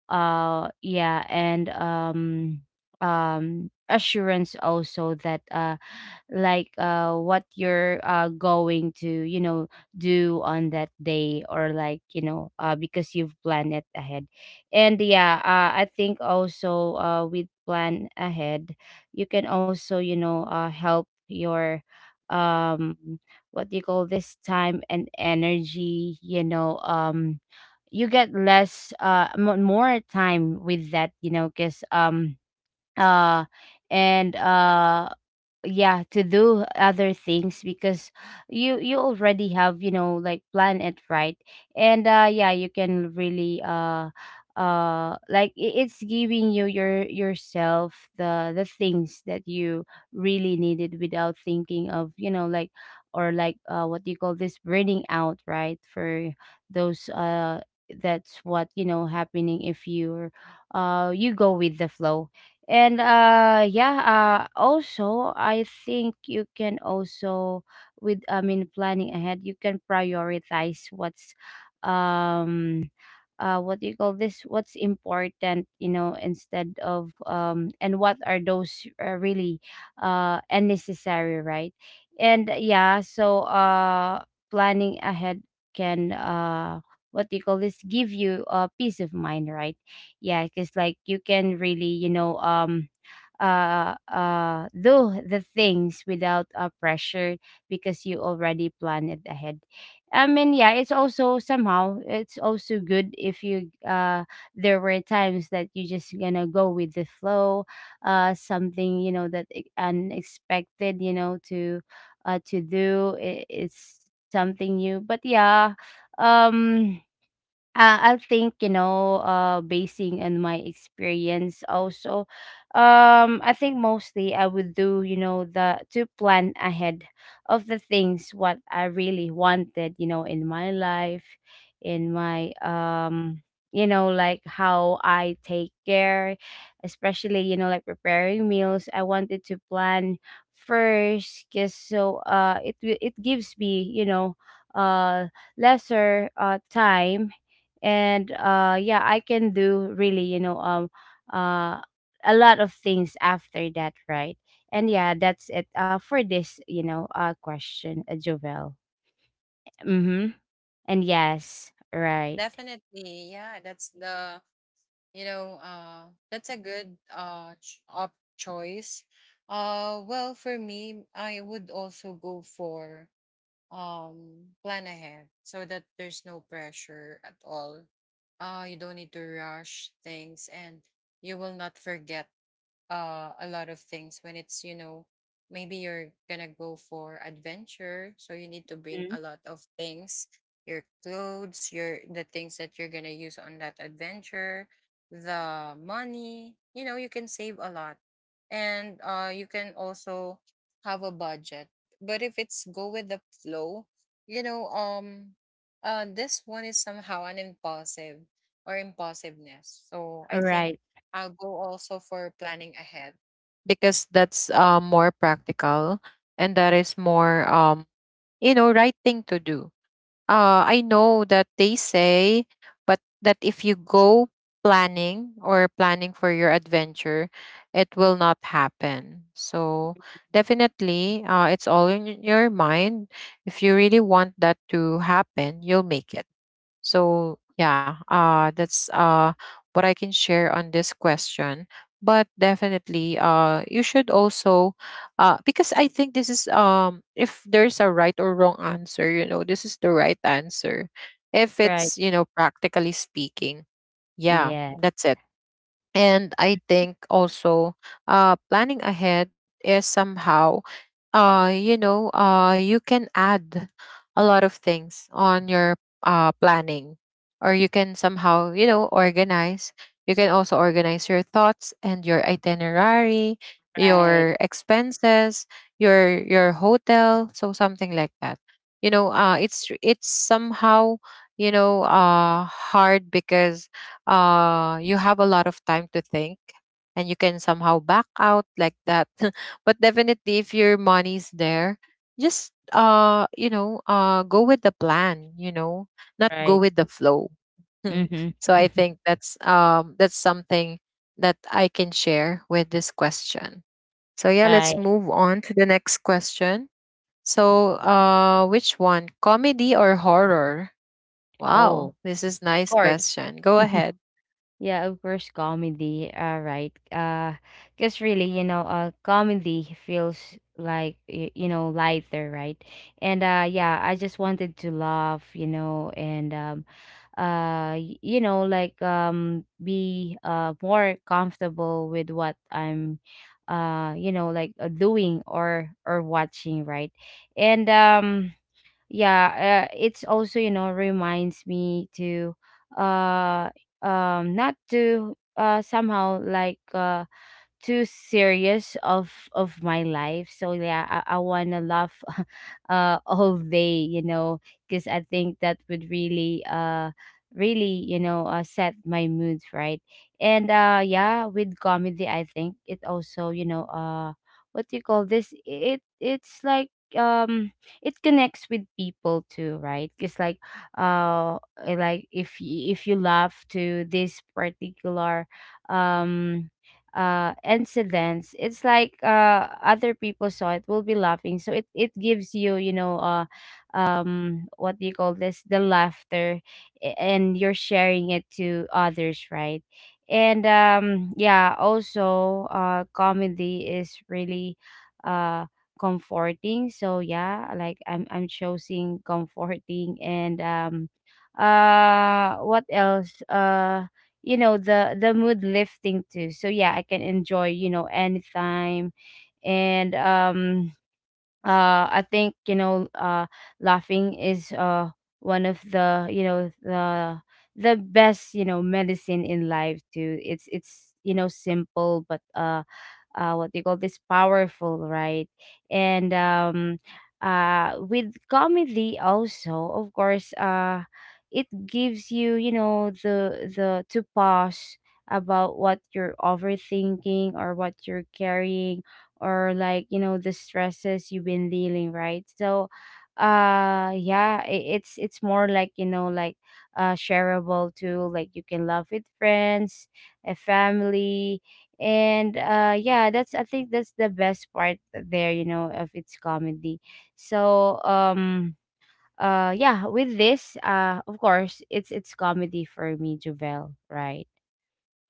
Yeah. And assurance also that like what you're going to, you know, do on that day, or like, you know, because you've planned it ahead. And yeah, I think also with plan ahead, you can also, you know, help your um what do you call this, time and energy, you know. You get less more time with that, you know, because uh and yeah, to do other things, because you already have, you know, like, plan it, right. And yeah, you can really like, it's giving you your yourself the things that you really needed without thinking of, you know, like, or like, what do you call this, burning out, right, for those that's what, you know, happening if you're you go with the flow. And yeah, also, I think you can also with, I mean, planning ahead, you can prioritize what's um what do you call this, what's important, you know, instead of and what are those, really, unnecessary, right. And yeah, so planning ahead can what do you call this, give you a, peace of mind, right. Yeah, because, like, you can really, you know, do the things without, pressure, because you already plan it ahead. I mean, yeah, it's also somehow, it's also good if you, there were times that you just gonna go with the flow, something, you know, that, unexpected, you know, to do. It's something new, but um I think basing on my experience also, I think mostly I would do you know the to plan ahead of the things what I really wanted in my life, in my you know like how I take care, especially like preparing meals. I wanted to plan first, cause it it gives me uh lesser time, and yeah, I can do really, uh a lot of things after that, right? And yeah, that's it for this, question, Jovel. Mm-hmm. And yes, right. Definitely. Yeah. That's the you know that's a good ch- op choice. Well, for me I would also go for plan ahead so that there's no pressure at all. You don't need to rush things, and you will not forget a lot of things when it's you know maybe you're gonna go for adventure, so you need to Hmm. bring a lot of things, your clothes, your the things that you're gonna use on that adventure, the money. You know, you can save a lot, and you can also have a budget. But if it's go with the flow, you know um this one is somehow an impulsive or impulsiveness, so I think Right. I'll go also for planning ahead, because that's more practical, and that is more, you know, right thing to do. I know that they say, but that if you go planning or planning for your adventure, it will not happen. So definitely, it's all in your mind. If you really want that to happen, you'll make it. So yeah, that's what I can share on this question. But definitely, you should also, because I think this is, if there's a right or wrong answer, you know, this is the right answer. If Right. it's, you know, practically speaking, yeah, Yeah. that's it. And I think also, planning ahead is somehow, you know, you can add a lot of things on your planning, or you can somehow, you know, organize. You can also organize your thoughts and your itinerary, Right. your expenses, your hotel, so something like that. You know, it's somehow, you know, hard because you have a lot of time to think and you can somehow back out like that. But definitely, if your money's there, just, you know, go with the plan, you know, not go Right. with the flow. Mm-hmm. So I think that's, that's something that I can share with this question. So yeah, let's Right. move on to the next question. So which one, comedy or horror? Wow, Oh, this is of nice course. question. Go ahead. Yeah, of course, comedy. Right. Because really, comedy feels like you know, lighter, right? And yeah, I just wanted to laugh, you know. You know, like, be more comfortable with what I'm, you know, like, doing or watching, right? And yeah, it's also, you know, reminds me to uh not to somehow like too serious of my life. So yeah, I want to laugh all day, you know, because I think that would really really, set my mood right. And yeah, with comedy, I think it also, what do you call this, it it's like, um it connects with people too, right? It's like, uh like if if you laugh to this particular, um incidents, it's like other people saw it will be laughing, so it gives you, you know what do you call this, the laughter, and you're sharing it to others, right? and yeah, also comedy is really uh comforting. So yeah, like I'm choosing comforting. And what else? You know, the mood lifting too. So yeah, I can enjoy, you know, anytime. And I think, laughing is one of the, you know, the best, you know, medicine in life too. It's, you know, simple but what do you call this, powerful, right? and with comedy also, of course, it gives you, you know, the to pause about what you're overthinking or what you're carrying, or like, you know, the stresses you've been dealing, right? So yeah, it's more like, you know, like shareable too. Like you can laugh with friends, a family. And yeah, that's, I think, that's the best part there, you know, of its comedy. so um yeah, with this of course, it's comedy for me, Jovel, right?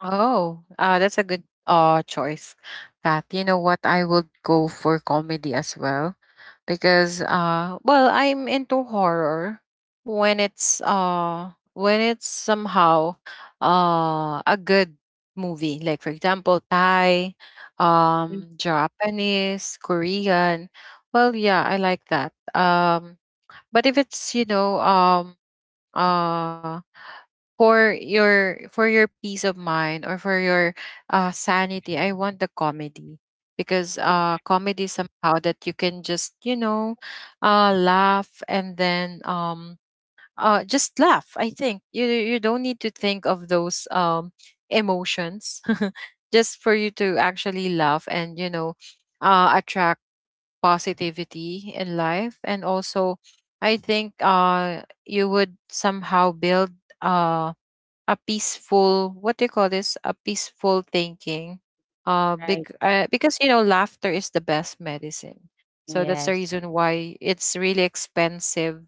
Oh, that's a good choice, Kat. You know what? I would go for comedy as well, because well, I'm into horror when it's somehow a good movie. Like for example, Thai, Mm. Japanese, Korean. Well, yeah, I like that. But if it's you know uh for your peace of mind or for your sanity, I want the comedy, because comedy somehow that you can just, you know, laugh, and then just laugh. I think you don't need to think of those, emotions. Just for you to actually laugh, and you know, attract positivity in life. And also, I think you would somehow build uh a peaceful, what do you call this, a peaceful thinking, Right. Because you know, laughter is the best medicine. So that's the Yes. reason why it's really expensive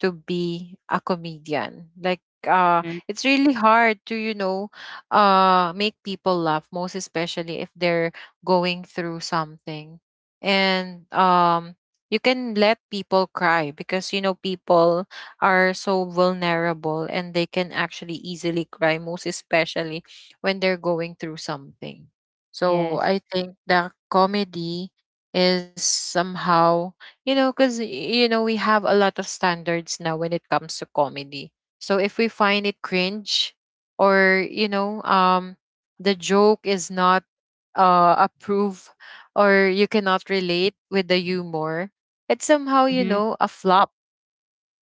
to be a comedian, like uh Mhm. it's really hard to, you know, make people laugh, most especially if they're going through something. And you can let people cry, because you know, people are so vulnerable and they can actually easily cry, most especially when they're going through something. So Yes. I think that comedy is somehow, you know, because you know, we have a lot of standards now when it comes to comedy. So if we find it cringe, or, you know, the joke is not approved, or you cannot relate with the humor, it's somehow, you Hmm. know, a flop,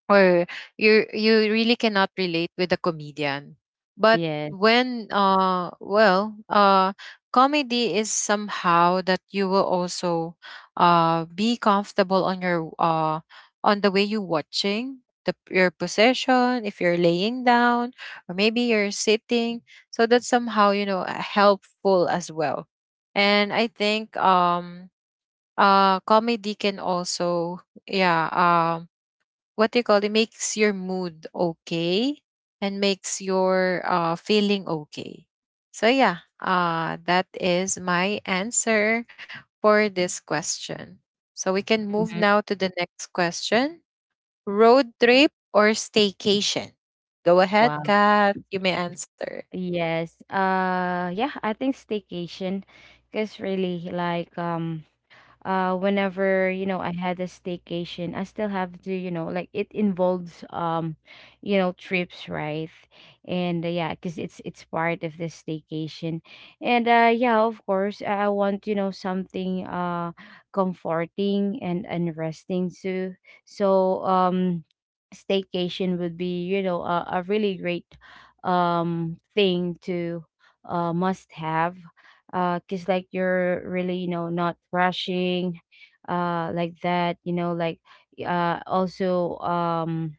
or you really cannot relate with a comedian. But Yes. when comedy is somehow that you will also be comfortable on your on the way you watching the your position, if you're laying down or maybe you're sitting, so that's somehow, you know, helpful as well. And I think, comedy can also, yeah, what do you call it, makes your mood okay and makes your feeling okay. So yeah, that is my answer for this question. So we can move Hmm. now to the next question. Road trip or staycation? Go ahead, Wow. Kat, you may answer. Yes. Yeah, I think staycation, cuz really, like whenever, you know, I had a staycation, I still have to, you know, like, it involves you know, trips, right? And yeah, because it's part of this staycation. And yeah, of course, I want, you know, something comforting and resting too. so um staycation would be, you know, a really great thing to must have, because like you're really, you know, not rushing like that, you know, like also, um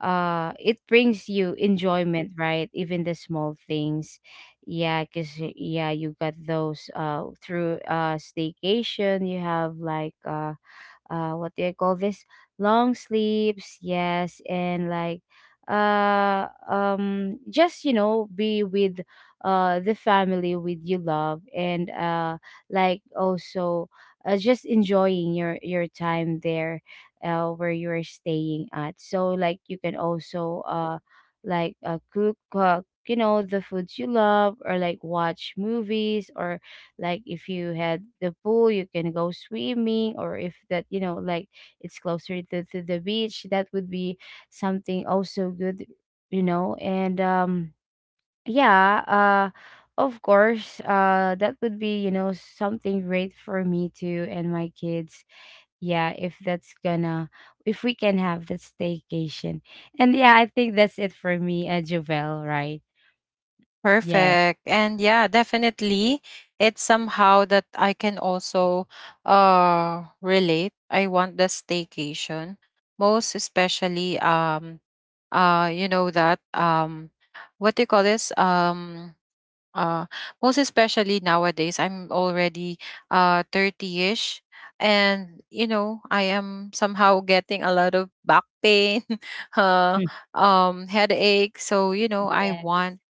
uh it brings you enjoyment, right, even the small things. Yeah, because, yeah, you got those through staycation. You have like, what do I call this, long sleeps, yes, and like, just, you know, be with the family with you love, and like also just enjoying your time there, where you're staying at, so like you can also like cook, you know, the foods you love, or like watch movies, or like if you had the pool, you can go swimming, or if that, you know, like, it's closer to the beach, that would be something also good, you know. And yeah, uh of course, that would be, you know, something great for me too and my kids. Yeah, if that's gonna, if we can have that staycation. And yeah, I think that's it for me, Jovel, right? Yes. Perfect. And yeah, definitely it's somehow that I can also relate. I want the staycation. Most especially, you know that, what do you call this? Uh most especially nowadays, I'm already 30ish, and you know, I am somehow getting a lot of back pain uh headache. So you know, I Yes. want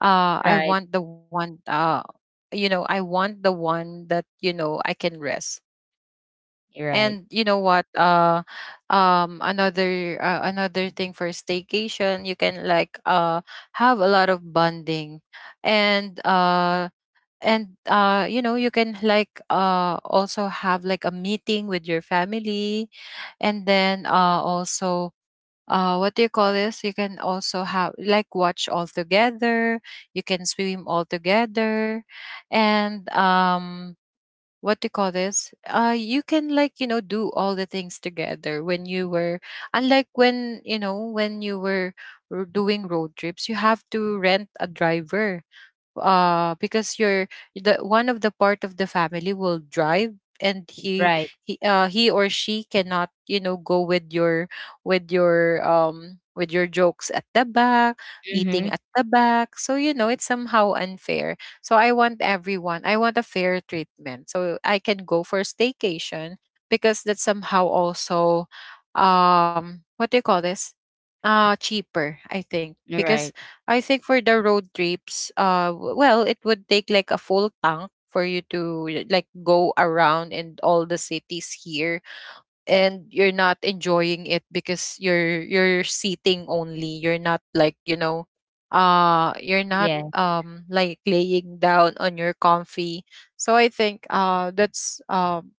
uh i Right. want the one, you know, I want the one that, you know, I can rest. And Right. you know what, another, another thing for staycation, you can like have a lot of bonding. And uh and uh you know, you can like also have like a meeting with your family, and then also what do you call this, you can also have like watch all together, you can swim all together. And what do you call this, you can like, you know, do all the things together, when you were, unlike when, you know, when you were doing road trips, you have to rent a driver, because you're the one of the part of the family will drive, and he Right. he uh he or she cannot, you know, go with your, with your, with your jokes at the back, eating Hmm. at the back. So you know, it's somehow unfair. So I want everyone, I want a fair treatment, so I can go for staycation, because that's somehow also, what do you call this, cheaper, I think, because Right. I think for the road trips, well, it would take like a full tank for you to like go around in all the cities here, and you're not enjoying it because you're seating only. You're not like, you know, you're not, Yeah, like laying down on your comfy. So I think that's,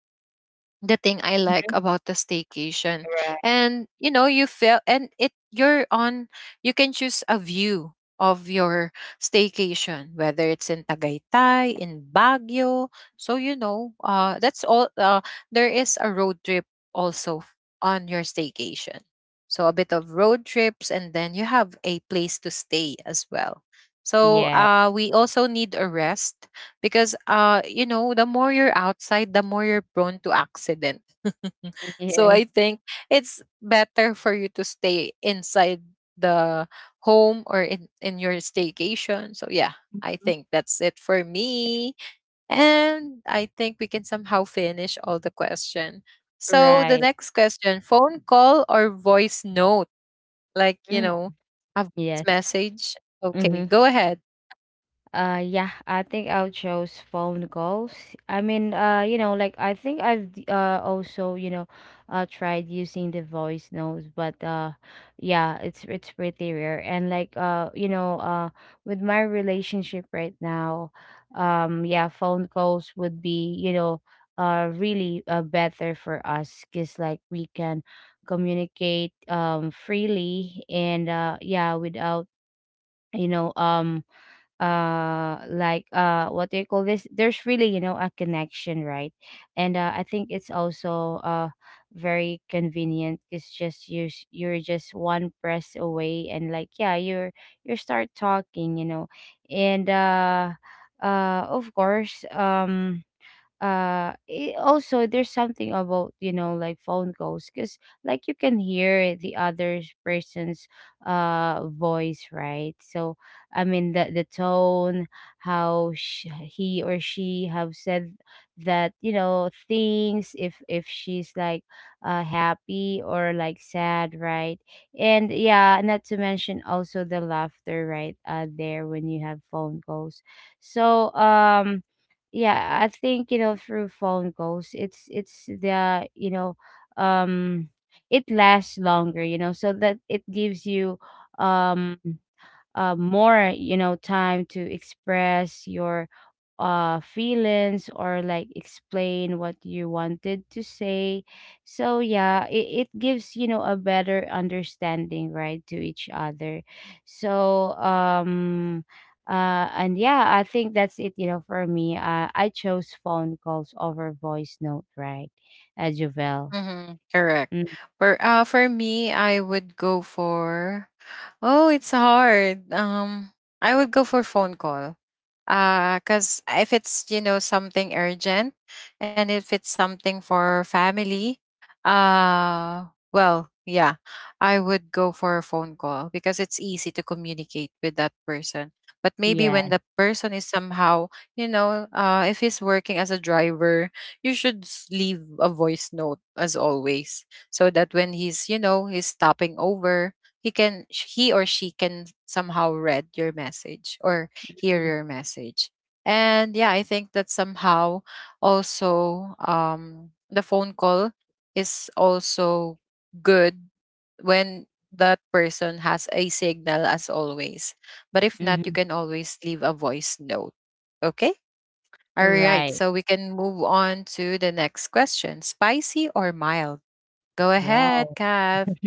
the thing I like about the staycation. right. And you know, you feel, and it, you're on, you can choose a view of your staycation, whether it's in Tagaytay, in Baguio. So you know, that's all, there is a road trip also on your staycation. So a bit of road trips and then you have a place to stay as well. So Yeah. We also need a rest, because you know, the more you're outside, the more you're prone to accident. So I Yes. think it's better for you to stay inside the home, or in your staycation. So yeah, I Mhm. think that's it for me. And I think we can somehow finish all the question. So the Right. next question, phone call or voice note, like you Mm, know, a voice yes. message. Okay, Mhm. go ahead. Yeah, I think I'll choose phone calls. I mean, you know, like, I think I've also, you know, tried using the voice notes, but yeah, it's pretty rare. And like, you know, with my relationship right now, yeah, phone calls would be, you know, really better for us, cause like we can communicate freely. And yeah, without, you know, like what do you call this, there's really, you know, a connection, right? And I think it's also very convenient. It's just you, you're just one press away, and like, yeah, you're, you start talking, you know. And of course, also, there's something about, you know, like phone calls, because like, you can hear the other person's voice, right? So I mean, the tone, how he or she have said that, you know, things, if she's like happy or like sad, right? And yeah, not to mention also the laughter, right, there when you have phone calls. so um yeah, I think, you know, through phone calls, it's the, you know, um it lasts longer, you know, so that it gives you, um more, you know, time to express your feelings, or like explain what you wanted to say. So yeah, it gives, you know, a better understanding, right, to each other. so um and yeah, I think that's it, you know, for me, I chose phone calls over voice note, right? Jovel. Mm-hmm, correct. Mm, For me, I would go for, oh, it's hard. I would go for phone call. Cause if it's, you know, something urgent, and if it's something for family, uh, well, yeah, I would go for a phone call because it's easy to communicate with that person. But maybe when yeah. the person is somehow, you know, if he's working as a driver, you should leave a voice note as always, so that when he's, you know, he's stopping over, he can he or she can somehow read your message, or hear your message. And yeah, I think that somehow also, the phone call is also good when that person has a signal as always. But if not, you Mm-hmm. can always leave a voice note. Okay, all right, Right. so we can move on to the next question. Spicy or mild? Go ahead, Wow. Kath,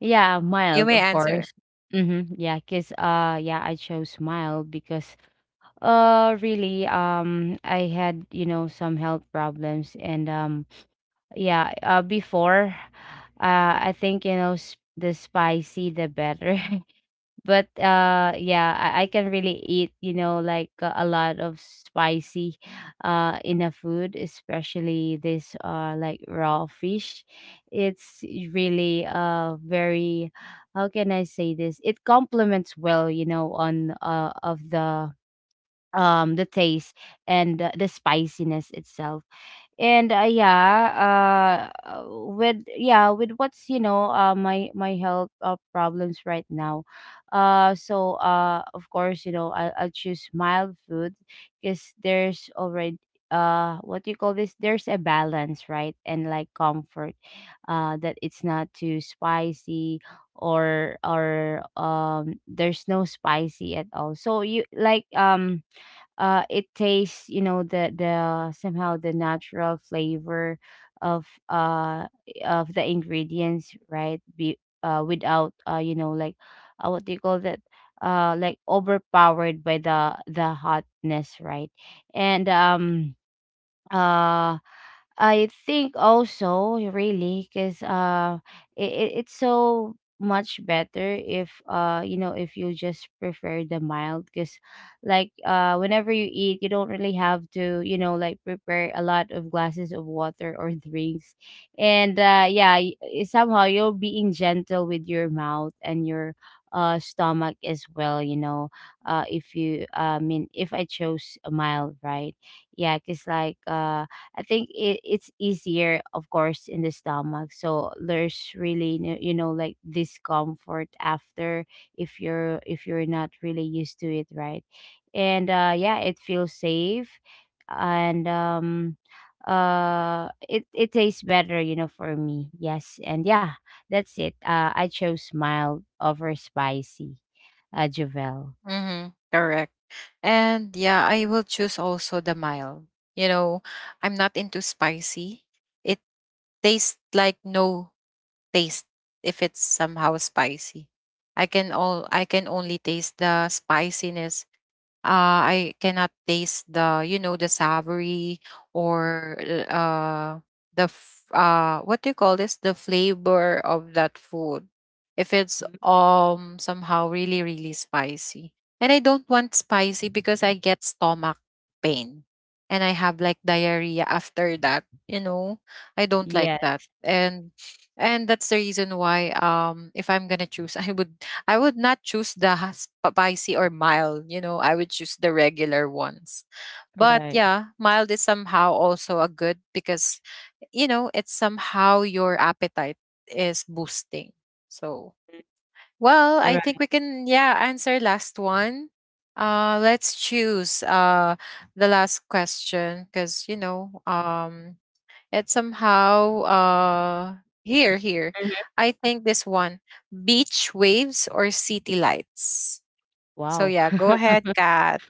Yeah, you mild, may of answer. course. Mm-hmm. Yeah, cause yeah, I chose mild because really I had, you know, some health problems, and yeah, before I think, you know, s the spicy the better. But yeah, I can really eat, you know, like, a lot of spicy in a food, especially this like raw fish. It's really very, how can I say this, it complements well, you know, on of the taste, and the spiciness itself. And yeah, with, yeah, with what's, you know, my my health problems right now. So of course, you know, I'll choose mild food, because there's already what do you call this, there's a balance, right, and like comfort, that it's not too spicy, or there's no spicy at all. So you like, it tastes, you know, the, somehow the natural flavor of uh of the ingredients, right, be without, you know, like, what do you call that, like overpowered by the hotness, right? and uh, I think also, really, because it it's so much better if, you know, if you just prefer the mild, because like, whenever you eat, you don't really have to, you know, like, prepare a lot of glasses of water or drinks. And yeah, somehow you're being gentle with your mouth and your stomach as well, you know. If you I mean, if I chose a mild, right, yeah, because like, I think it's easier, of course, in the stomach, so there's really no, you know, like, discomfort after, if you're, if you're not really used to it, right? And yeah, it feels safe. And it it tastes better, you know, for me, yes. And yeah, that's it, I chose mild over spicy, Javel. Mm-hmm, correct. And yeah, I will choose also the mild. You know, I'm not into spicy. It tastes like no taste if it's somehow spicy. I can only taste the spiciness. Uh, I cannot taste the, you know, the savory, or uh what do you call this, the flavor of that food, if it's, Mhm. Somehow really really spicy. And I don't want spicy because I get stomach pain, and I have like diarrhea after that, you know, I don't like Yeah. that. And that's the reason why, if I'm gonna choose, I would, I would not choose the spicy or mild, you know, I would choose the regular ones. But Right. yeah, mild is somehow also a good, because you know, it's somehow your appetite is boosting. So well, I think we Right. can, yeah, answer last one. Let's choose the last question, because you know, it's somehow here. Mhm. I think this one, beach waves or city lights. So Wow. yeah, go ahead, Kat.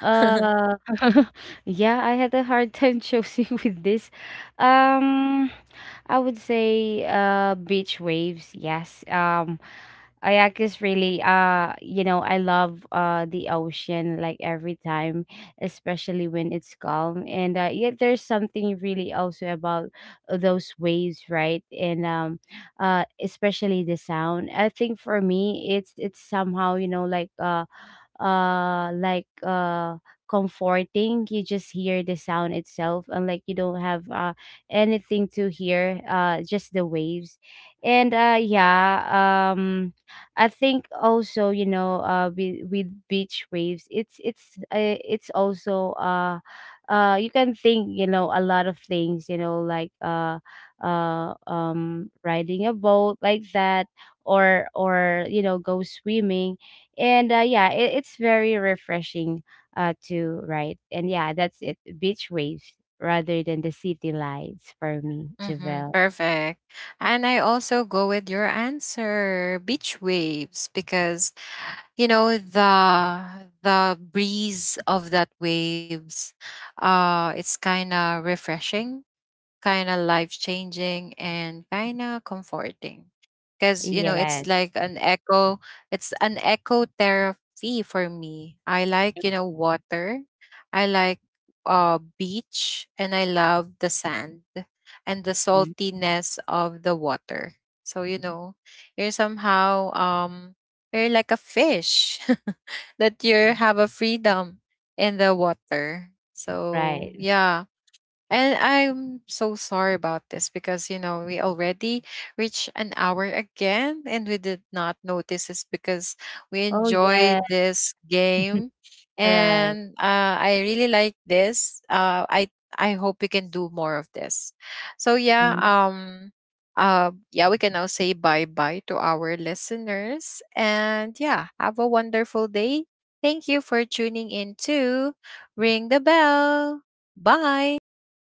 Uh, yeah, I had a hard time choosing with this. Um, I would say beach waves, yes. Kayak is really, you know, I love the ocean, like, every time, especially when it's calm. And yeah, there's something really also about those waves, right? And especially the sound. I think for me, it's somehow, you know, like, like comforting. You just hear the sound itself, and like, you don't have anything to hear, just the waves. And yeah, um I think also, you know, with beach waves, it's also you can think, you know, a lot of things, you know, like, riding a boat like that, or, you know, go swimming. And yeah, it's very refreshing to write. And yeah, that's it, beach waves rather than the city lights for me, Mm-hmm, Javel. perfect. And I also go with your answer, beach waves, because you know, the breeze of that waves, it's kind of refreshing, kind of life changing, and kind of comforting, because you know, it's Yes. like an echo, it's an echo therapy for me. I like, you know, water, I like beach, and I love the sand, and the Mhm. saltiness of the water. So you know, you're somehow, you're like a fish that you have a freedom in the water. So Right. yeah, and I'm so sorry about this because, you know, we already reached an hour again, and we did not notice this because we Oh enjoy yeah. this game. Right. And I really like this. I hope we can do more of this. So yeah, yeah, we can now say bye-bye to our listeners. And yeah, have a wonderful day. Thank you for tuning in to Ring the Bell. Bye.